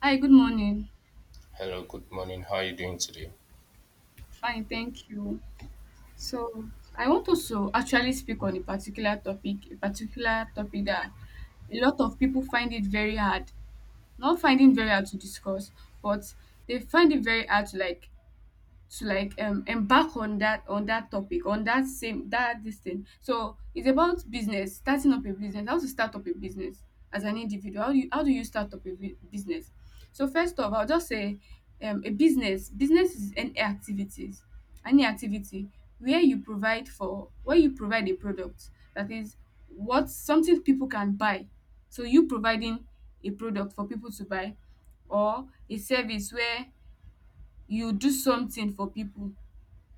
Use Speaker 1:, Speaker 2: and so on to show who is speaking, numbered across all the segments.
Speaker 1: Hi, good morning.
Speaker 2: Hello, good morning. How are you doing today?
Speaker 1: Fine, thank you. So, I want also actually speak on a particular topic that a lot of people find it very hard. Not finding very hard to discuss, but they find it very hard to embark on that topic, on that same that this thing. So it's about business, starting up a business, how to start up a business as an individual. How do you start up a business? So first of all, I'll just say a business is any activities any activity where you provide a product, that is what, something people can buy. So you providing a product for people to buy, or a service where you do something for people,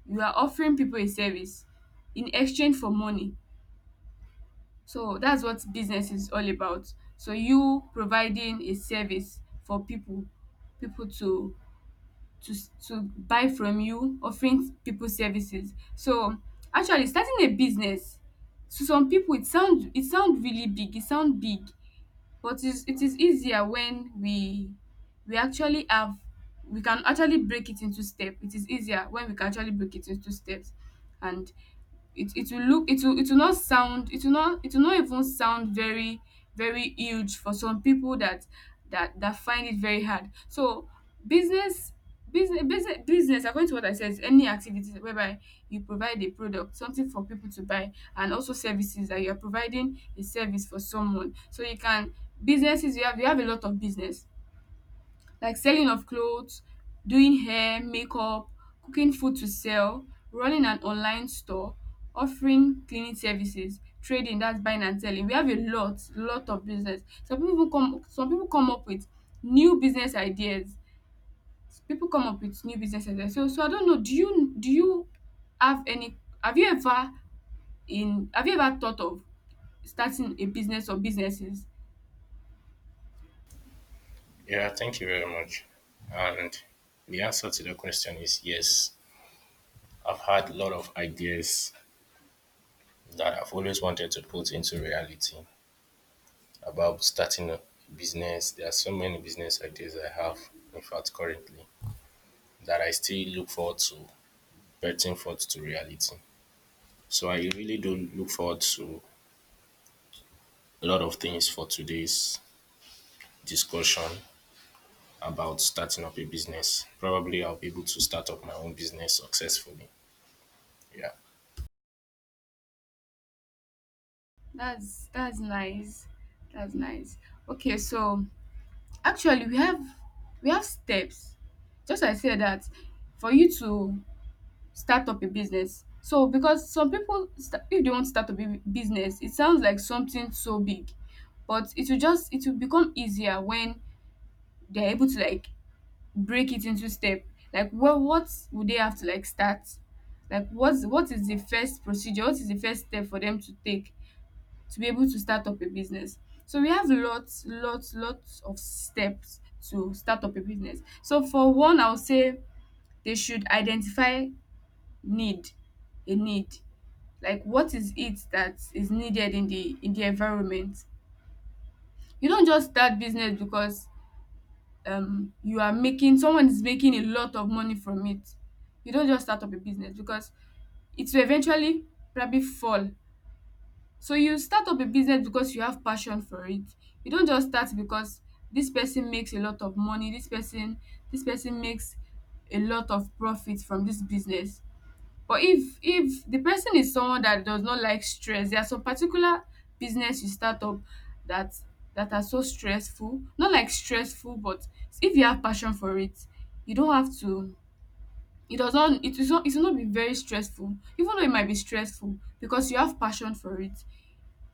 Speaker 1: you are offering people a service in exchange for money. So that's what business is all about. So you providing a service for people, people to to to buy from, you offering people services. So actually starting a business, to some people it sound really big, it sound big. But is it is easier when we actually have we can actually break it into step. It is easier when we can actually break it into steps. And it will not even sound very very huge for some people that that find it very hard. So business, business according to what I said is any activity whereby you provide a product, something for people to buy, and also services, that you are providing a service for someone. So you can businesses, you have a lot of business, like selling of clothes, doing hair, makeup, cooking food to sell, running an online store, offering cleaning services, trading, that's buying and selling. We have a lot of business. Some people come up with new business ideas. People come up with new business ideas. So, I don't know, do you have any have you ever have you ever thought of starting a business or businesses?
Speaker 2: Yeah, thank you very much. And the answer to the question is yes. I've had a lot of ideas that I've always wanted to put into reality about starting a business. There are so many business ideas I have, in fact, currently, that I still look forward to betting forth to reality. So I really do look forward to a lot of things for today's discussion about starting up a business. Probably I'll be able to start up my own business successfully. Yeah.
Speaker 1: That's nice. That's nice. Okay, so actually, we have steps. Just like I said, that for you to start up a business. So because some people if they want to start up a business, it sounds like something so big, but it will become easier when they're able to like break it into step. Like, well, what would they have to like start? Like, what is the first procedure? What is the first step for them to take to be able to start up a business? So we have lots, lots, lots of steps to start up a business. So for one, I would say they should identify need, a need. Like what is it that is needed in the environment? You don't just start business because you are making someone is making a lot of money from it. You don't just start up a business because it will eventually probably fall. So you start up a business because you have passion for it. You don't just start because this person makes a lot of money, this person makes a lot of profit from this business. But if the person is someone that does not like stress, there are some particular business you start up that, that are so stressful. Not like stressful, but if you have passion for it, you don't have to it will not be very stressful, even though it might be stressful. Because you have passion for it,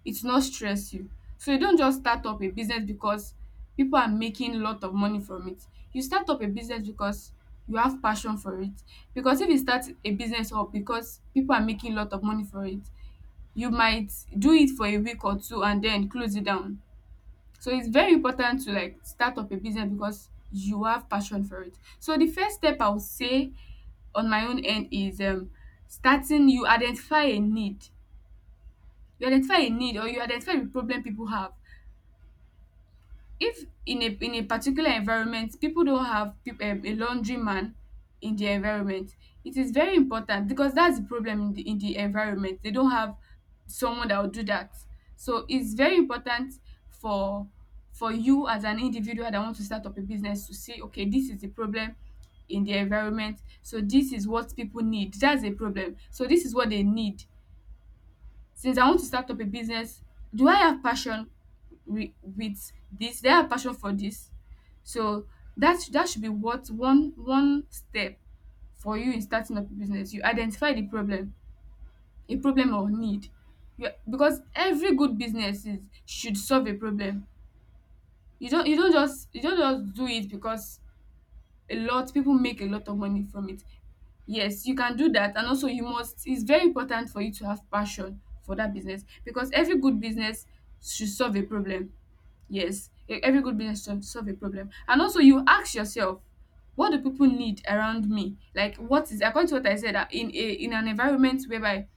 Speaker 1: it's not stress you. So you don't just start up a business because people are making a lot of money from it. You start up a business because you have passion for it. Because if you start a business up because people are making a lot of money for it, you might do it for a week or two and then close it down. So it's very important to like start up a business because you have passion for it. So the first step I would say on my own end is starting you identify a need. You identify a need, or you identify the problem people have. If in a particular environment people don't have a laundry man in the environment, it is very important because that's the problem in the environment. They don't have someone that will do that, so it's very important for for you as an individual that want to start up a business to see, okay, this is the problem in the environment, so this is what people need. That's a problem, so this is what they need. Since I want to start up a business, do I have passion with this? Do I have passion for this? So that should be what, one step for you in starting up a business. You identify the problem, a problem or need. You, because every good business should solve a problem. You don't just do it because a lot people make a lot of money from it. Yes, you can do that, and also you must, it's very important for you to have passion for that business, because every good business should solve a problem. Yes, every good business should solve a problem. And also, you ask yourself, what do people need around me? Like, what is, according to what I said, in an environment whereby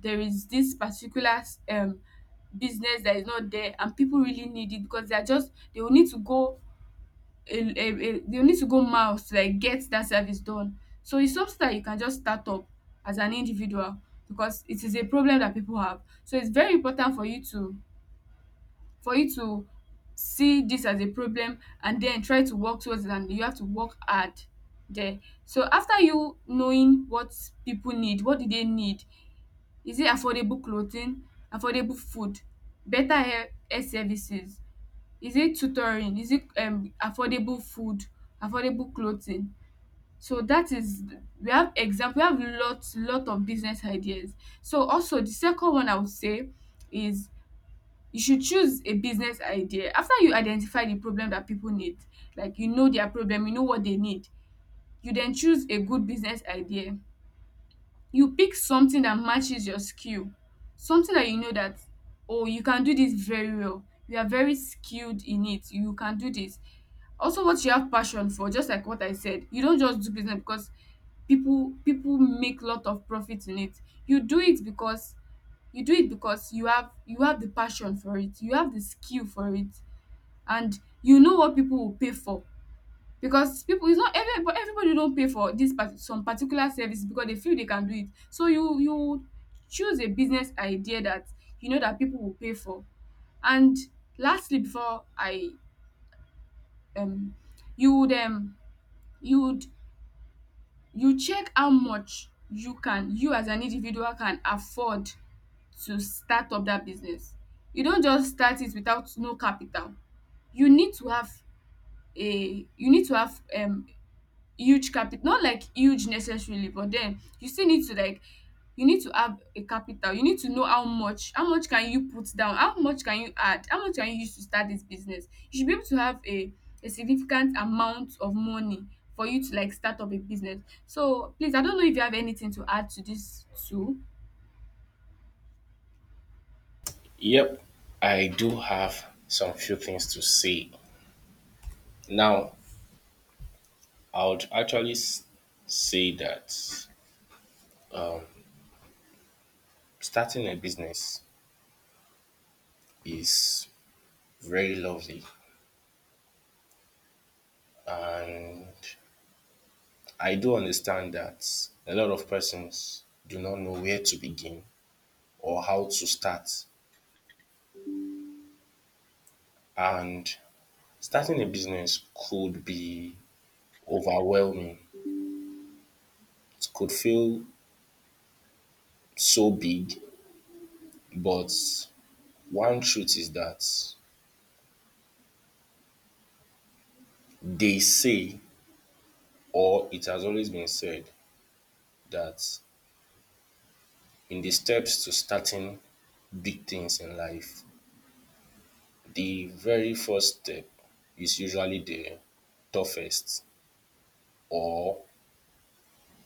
Speaker 1: there is this particular um business that is not there, and people really need it, because they are just, they will need to go, a you need to go miles to like get that service done. So it's something that you can just start up as an individual because it is a problem that people have. So it's very important for you to, for you to see this as a problem, and then try to work towards it, and you have to work hard there. So after you knowing what people need, what do they need? Is it affordable clothing, affordable food, better health services, is it tutoring, is it affordable food, affordable clothing? So that is, we have example, we have lots lot of business ideas. So also, the second one I would say is you should choose a business idea. After you identify the problem that people need, like you know their problem, you know what they need, you then choose a good business idea. You pick something that matches your skill, something that you know that, oh, you can do this very well, you are very skilled in it, you can do this. Also what you have passion for, just like what I said, you don't just do business because people make lot of profit in it. You do it because you do it because you have the passion for it, you have the skill for it, and you know what people will pay for. Because people, it's not every, but everybody don't pay for this part some particular service because they feel they can do it. So you choose a business idea that you know that people will pay for. And lastly, before I um you would you would you check how much you can, you as an individual can afford to start up that business. You don't just start it without no capital. you need to have you need to have huge capital, not like huge necessarily, but then you still need to like, you need to have a capital. You need to know how much can you put down, how much can you add, how much can you use to start this business. You should be able to have a significant amount of money for you to like start up a business. So please, I don't know if you have anything to add to this too.
Speaker 2: Yep, I do have some few things to say. Now, I would actually say that starting a business is very lovely, and I do understand that a lot of persons do not know where to begin or how to start. And starting a business could be overwhelming, it could feel so big, but one truth is that they say or it has always been said that in the steps to starting big things in life, the very first step is usually the toughest or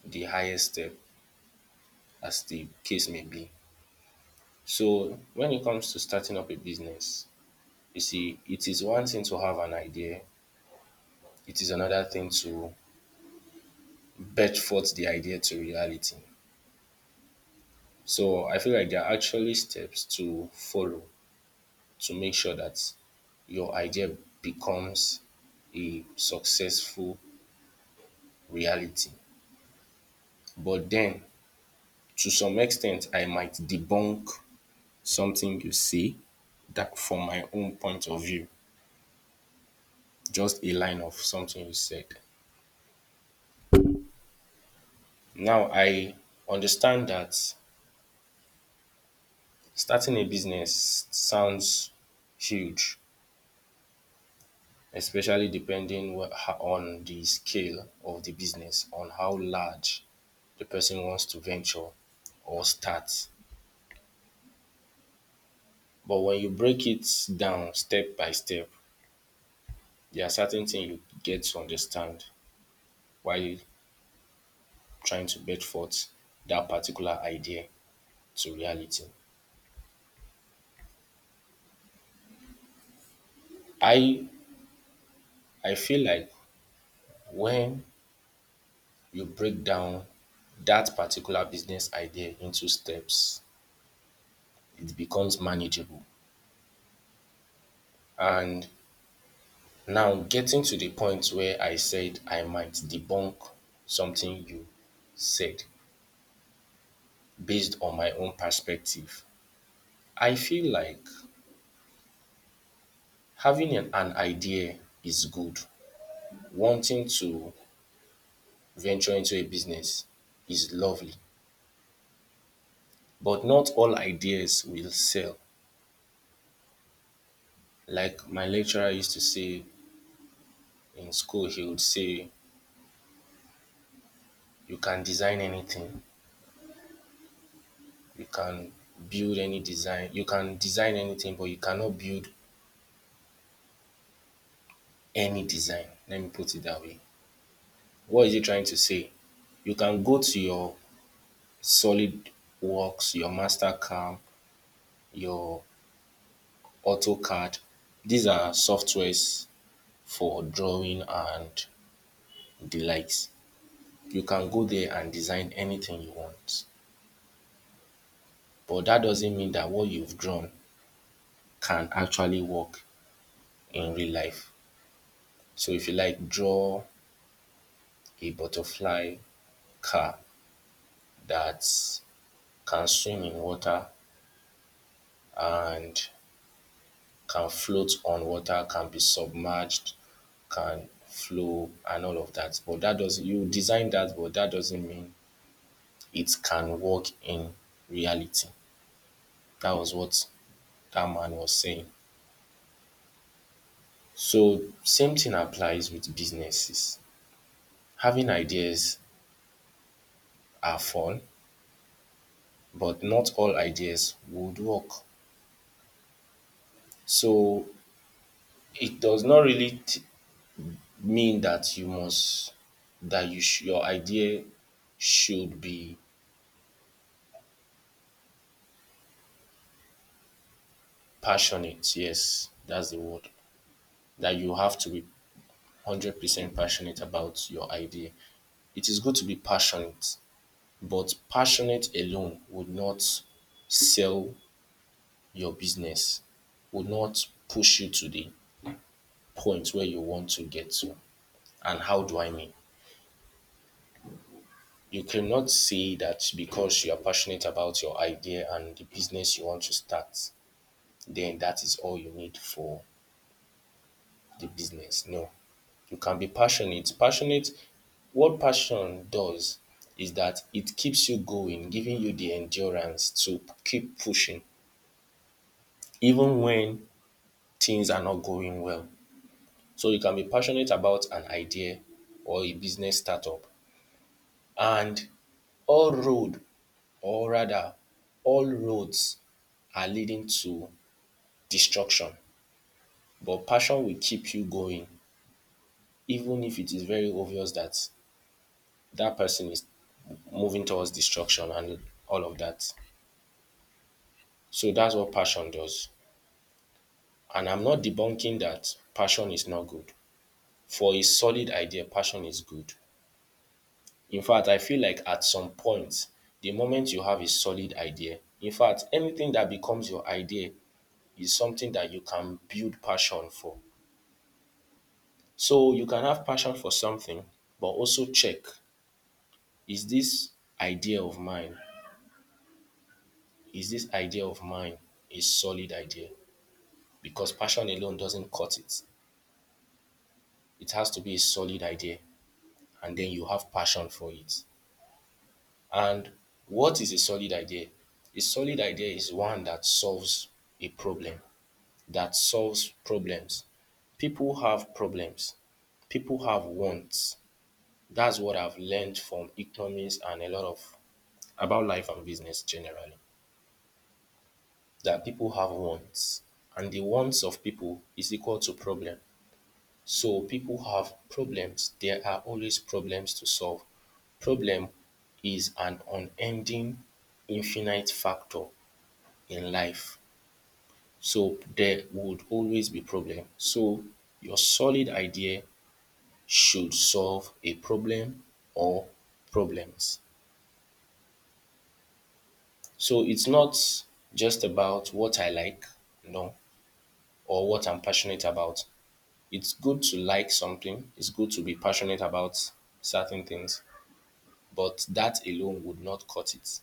Speaker 2: the highest step, as the case may be. So, when it comes to starting up a business, you see, it is one thing to have an idea, it is another thing to bet forth the idea to reality. So, I feel like there are actually steps to follow to make sure that your idea becomes a successful reality. But then to some extent I might debunk something you say that from my own point of view, just a line of something you said. Now I understand that starting a business sounds huge, especially depending on the scale of the business, on how large the person wants to venture or start. But when you break it down step by step, there are certain things you get to understand while trying to bed forth that particular idea to reality. I I feel like when you break down that particular business idea into steps, it becomes manageable. And now getting to the point where I said I might debunk something you said based on my own perspective. I feel like having an idea is good. Wanting to venture into a business is lovely, but not all ideas will sell. Like my lecturer used to say in school, he would say, "You can design anything, you can build any design, you can design anything, but you cannot build any design." Let me put it that way. What is he trying to say? You can go to your solid works, your master camp, your AutoCAD. These are softwares for drawing and the likes. You can go there and design anything you want, but that doesn't mean that what you've drawn can actually work in real life. So if you like, draw a butterfly car that can swim in water and can float on water, can be submerged, can flow and all of that. But that doesn't you design that, but that doesn't mean it can work in reality. That was what that man was saying. So same thing applies with businesses. Having ideas are fun, but not all ideas would work. So it does not really mean that you must that your idea should be passionate. Yes, that's the word. That you have to be 100% passionate about your idea. It is good to be passionate. But passionate alone would not sell your business, would not push you to the point where you want to get to. And how do I mean? You cannot say that because you are passionate about your idea and the business you want to start, then that is all you need for the business. No, you can be passionate. Passionate, what passion does is that it keeps you going, giving you the endurance to keep pushing, even when things are not going well. So you can be passionate about an idea or a business startup. And all road, or rather, all roads are leading to destruction. But passion will keep you going even if it is very obvious that that person is moving towards destruction and all of that. So that's what passion does. And I'm not debunking that passion is not good. For a solid idea, passion is good. In fact, I feel like at some point, the moment you have a solid idea, in fact, anything that becomes your idea is something that you can build passion for. So you can have passion for something, but also check, is this idea of mine, is this idea of mine a solid idea? Because passion alone doesn't cut it. It has to be a solid idea, and then you have passion for it. And what is a solid idea? A solid idea is one that solves a problem, that solves problems. People have problems. People have wants. That's what I've learned from economics and a lot of about life and business generally. That people have wants. And the wants of people is equal to problem. So people have problems. There are always problems to solve. Problem is an unending infinite factor in life. So there would always be problem. So your solid idea should solve a problem or problems. So it's not just about what I like, no, or what I'm passionate about. It's good to like something, it's good to be passionate about certain things, but that alone would not cut it.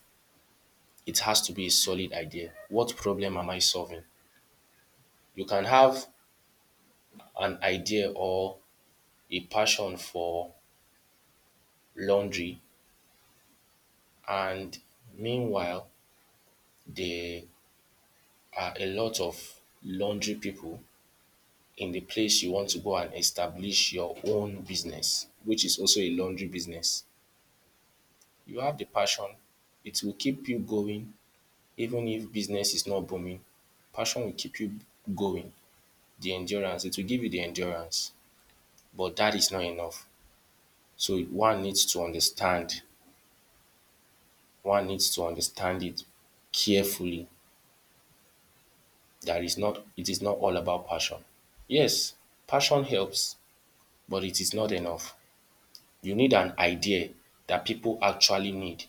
Speaker 2: It has to be a solid idea. What problem am I solving? You can have an idea or a passion for laundry, and meanwhile, there are a lot of laundry people in the place you want to go and establish your own business, which is also a laundry business. You have the passion, it will keep you going even if business is not booming. Passion will keep you going. The endurance, it will give you the endurance, but that is not enough. So one needs to understand, one needs to understand it carefully that is not, it is not all about passion. Yes, passion helps, but it is not enough. You need an idea that people actually need,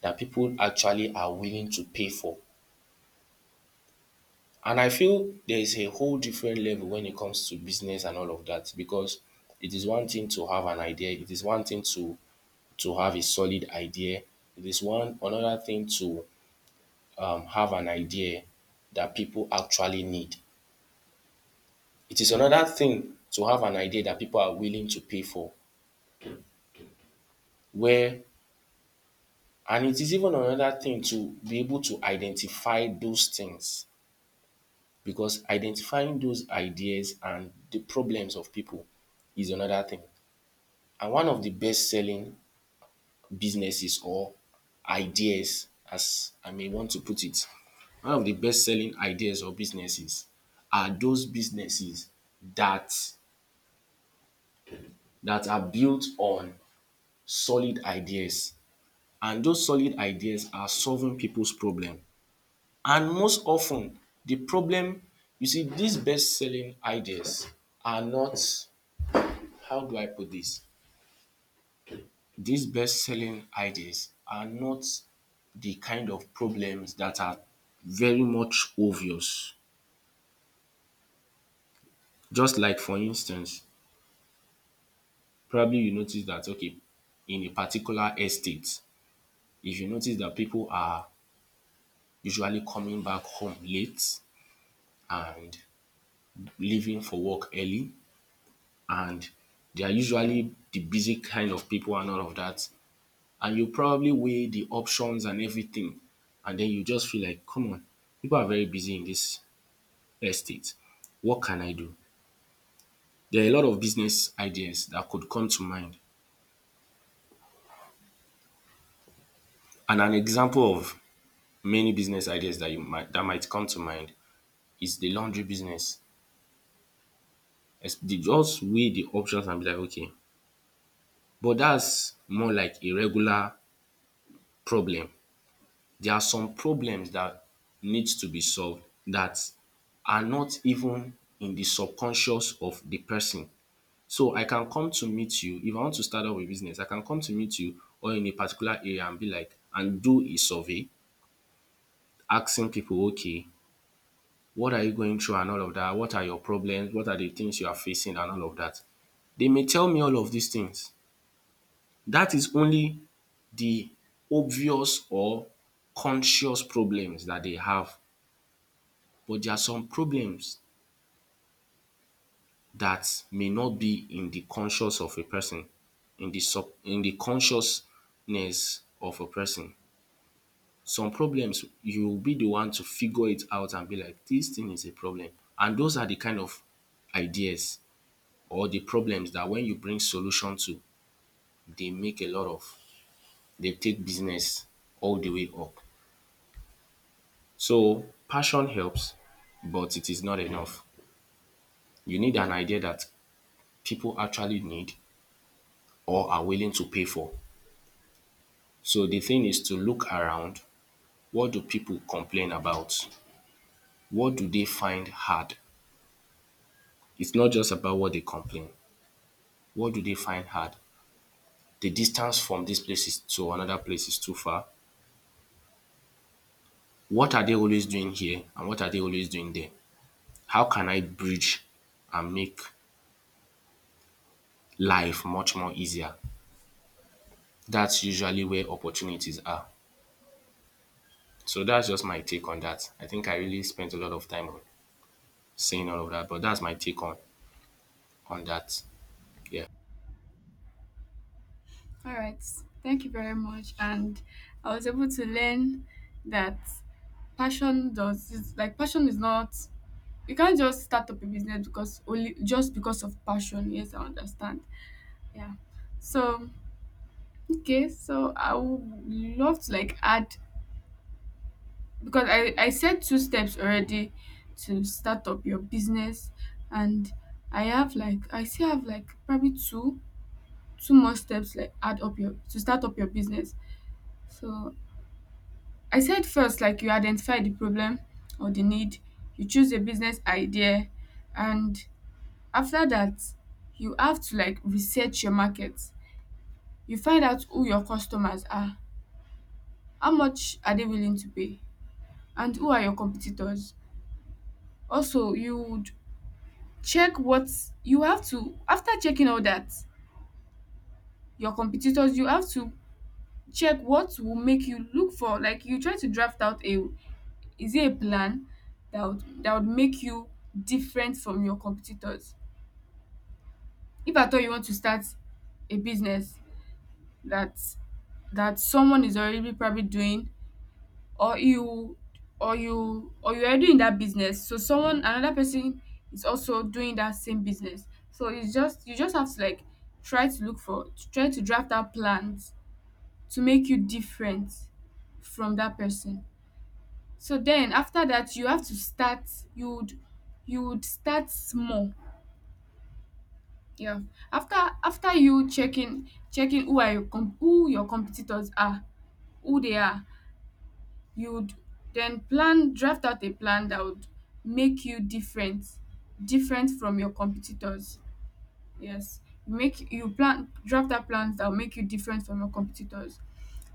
Speaker 2: that people actually are willing to pay for. And I feel there is a whole different level when it comes to business and all of that, because it is one thing to have an idea, it is one thing to have a solid idea. It is one another thing to have an idea that people actually need. It is another thing to have an idea that people are willing to pay for. Where and it is even another thing to be able to identify those things because identifying those ideas and the problems of people is another thing. And one of the best selling businesses or ideas, as I may want to put it, one of the best selling ideas or businesses are those businesses that that are built on solid ideas. And those solid ideas are solving people's problem. And most often, the problem, you see, these best selling ideas are not, how do I put this? These best selling ideas are not the kind of problems that are very much obvious. Just like for instance, probably you notice that okay, in a particular estate, if you notice that people are usually coming back home late and leaving for work early and they are usually the busy kind of people and all of that, and you probably weigh the options and everything and then you just feel like come on, people are very busy in this estate, what can I do? There are a lot of business ideas that could come to mind, and an example of many business ideas that you might that might come to mind is the laundry business. As they just weigh the options and be like okay, but that's more like a regular problem. There are some problems that needs to be solved that are not even in the subconscious of the person. So I can come to meet you if I want to start up a business, I can come to meet you or in a particular area and be like and do a survey asking people okay, what are you going through and all of that, what are your problems, what are the things you are facing and all of that. They may tell me all of these things. That is only the obvious or conscious problems that they have. But there are some problems that may not be in the conscious of a person, in the sub in the consciousness of a person. Some problems you will be the one to figure it out and be like this thing is a problem, and those are the kind of ideas or the problems that when you bring solution to, they make a lot of, they take business all the way up. So passion helps but it is not enough. You need an idea that people actually need or are willing to pay for. So the thing is to look around. What do people complain about? What do they find hard? It's not just about what they complain. What do they find hard? The distance from these places to another place is too far. What are they always doing here and what are they always doing there? How can I bridge and make life much more easier? That's usually where opportunities are. So that's just my take on that. I think I really spent a lot of time on saying all of that, but that's my take on that. Yeah.
Speaker 1: All right, thank you very much. And I was able to learn that passion does is like passion is not you can't just start up a business because only just because of passion. Yes, I understand. Yeah. So okay, so I would love to like add, because I said two steps already to start up your business, and I still have like probably two more steps, like add up your to start up your business. So I said first, like, you identify the problem or the need, you choose a business idea, and after that, you have to, like, research your market. You find out who your customers are, how much are they willing to pay, and who are your competitors. Also you would check what you have to, after checking all that, your competitors, you have to check what will make you look for, like, you try to draft out a, is it a plan that would make you different from your competitors, if at all you want to start a business that that someone is already probably doing, or you or you are doing that business, so someone, another person, is also doing that same business. So it's just, you just have to, like, try to look for, to try to draft out plans to make you different from that person. So then after that, you have to start, you would, you would start small, yeah. After, after you checking, checking who are your who your competitors are, who they are, you would then plan, draft out a plan that would make you different, different from your competitors, yes. Make you plan, draft out plans that will make you different from your competitors.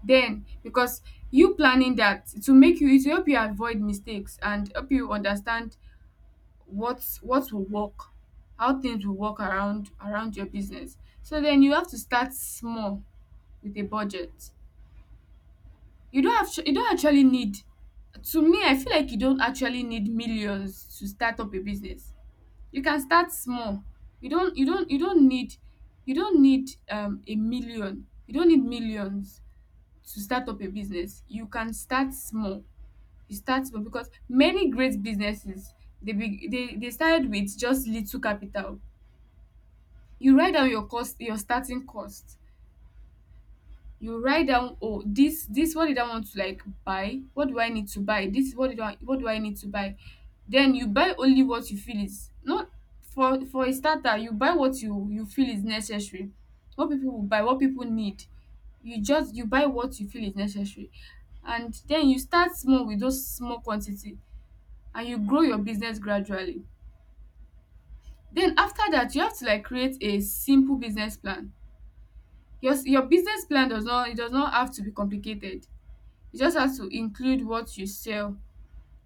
Speaker 1: Then, because you planning that, it will make you, it will help you avoid mistakes and help you understand what will work, how things will work around, around your business. So then you have to start small with a budget. You don't have, you don't actually need, to me, I feel like you don't actually need millions to start up a business. You can start small. You don't, you don't, you don't need, you don't need a million. You don't need millions to start up a business. You can start small. You start small because many great businesses, they be, they started with just little capital. You write down your cost, your starting cost. You write down, oh, this, what did I want to, like, buy, what do I need to buy, this, what do I, what do I need to buy. Then you buy only what you feel is not, for, for a starter, you buy what you feel is necessary, what people will buy, what people need. You just, you buy what you feel is necessary, and then you start small with those small quantity, and you grow your business gradually. Then after that, you have to, like, create a simple business plan. Your business plan does not, it does not have to be complicated. You just have to include what you sell,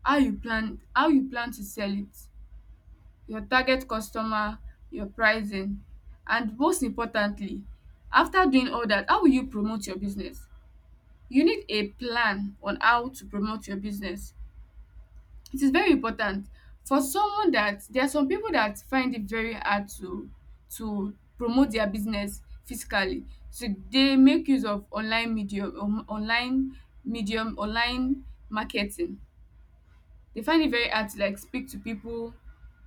Speaker 1: how you plan, how you plan to sell it, your target customer, your pricing, and most importantly, after doing all that, how will you promote your business. You need a plan on how to promote your business. It is very important. For someone that, there are some people that find it very hard to promote their business physically, so they make use of online medium, online medium, online marketing. They find it very hard to, like, speak to people,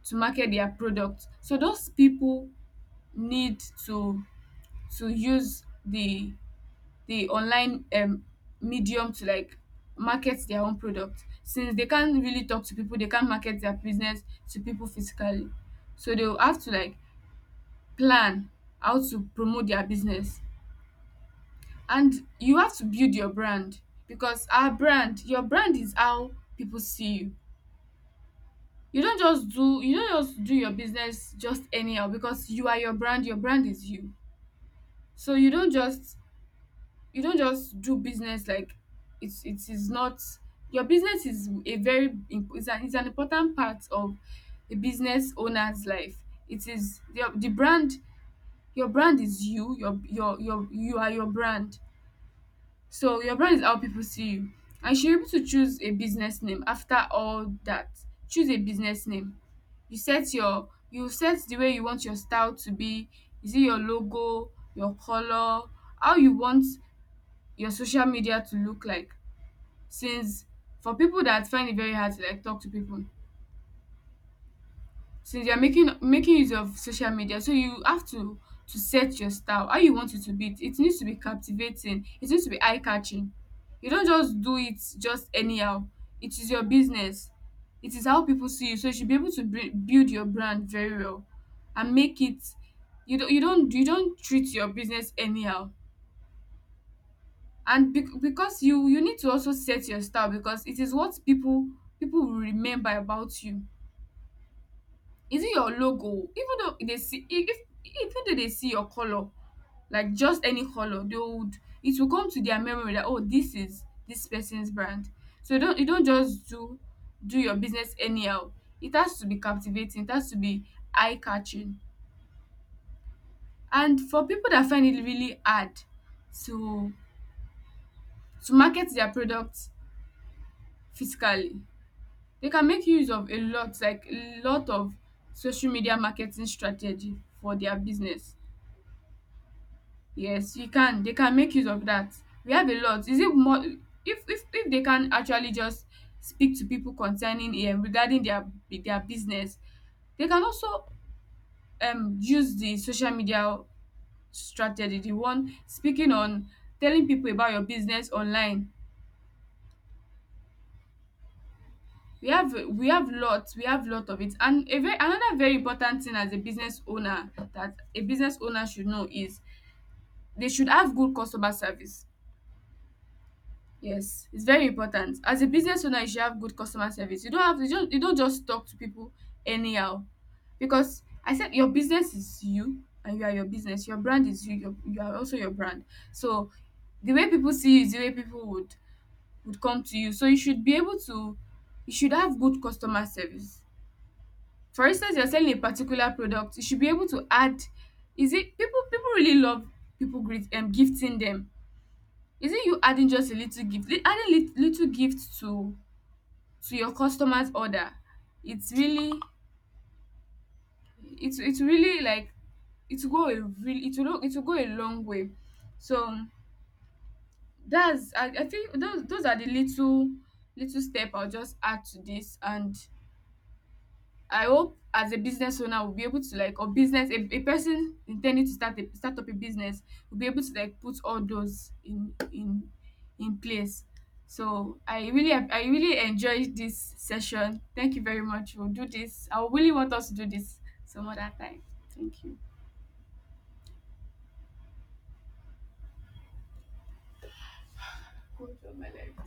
Speaker 1: to market their product, so those people need to use the online, medium to, like, market their own product, since they can't really talk to people, they can't market their business to people physically. So they'll have to, like, plan how to promote their business. And you have to build your brand, because our brand, your brand is how people see you. You don't just do, you don't just do your business just anyhow, because you are your brand, your brand is you. So you don't just, you don't just do business like, it's, it is not, your business is a very it's an important part of a business owner's life. It is your, the brand, your brand is you, your, you are your brand. So your brand is how people see you. And you should be able to choose a business name after all that. Choose a business name. You set your, you set the way you want your style to be. Is it your logo, your color, how you want your social media to look like? Since, for people that find it very hard to, like, talk to people, since you're making use of social media, so you have to set your style how you want it to be. It needs to be captivating, it needs to be eye catching. You don't just do it just anyhow. It is your business, it is how people see you, so you should be able to build your brand very well and make it, you don't, you don't, you don't treat your business anyhow. And because you need to also set your style, because it is what people, people will remember about you. Is it your logo? Even though they see, even though they see your color, like just any color, they would, it will come to their memory that, oh, this is this person's brand. So you don't, you don't just do, do your business anyhow. It has to be captivating, it has to be eye catching. And for people that find it really hard to to market their products physically, they can make use of a lot, like a lot of social media marketing strategy for their business. Yes, you can. They can make use of that. We have a lot. Is it more, if they can actually just speak to people concerning, regarding their business, they can also use the social media strategy, the one speaking on, telling people about your business online. We have, we have lots, we have lot of it. And a very, another very important thing as a business owner, that a business owner should know, is they should have good customer service. Yes, it's very important. As a business owner, you should have good customer service. You don't have to just, you don't just talk to people anyhow, because I said your business is you and you are your business. Your brand is you. Your, you are also your brand. So the way people see you is the way people would come to you. So you should be able to, you should have good customer service. For instance, you're selling a particular product, you should be able to add. Is it, people, people really love, people greet, gifting them? Is not you adding just a little gift, adding little gift to your customer's order. It's really, it's really like, it will go a really, it will, it will go a long way. So that's I think those are the little, little step I'll just add to this. And I hope as a business owner will be able to, like, or business, a person intending to start a, start up a business, will be able to, like, put all those in place. So I really, I really enjoyed this session. Thank you very much. We'll do this. I really want us to do this some other time. Thank you.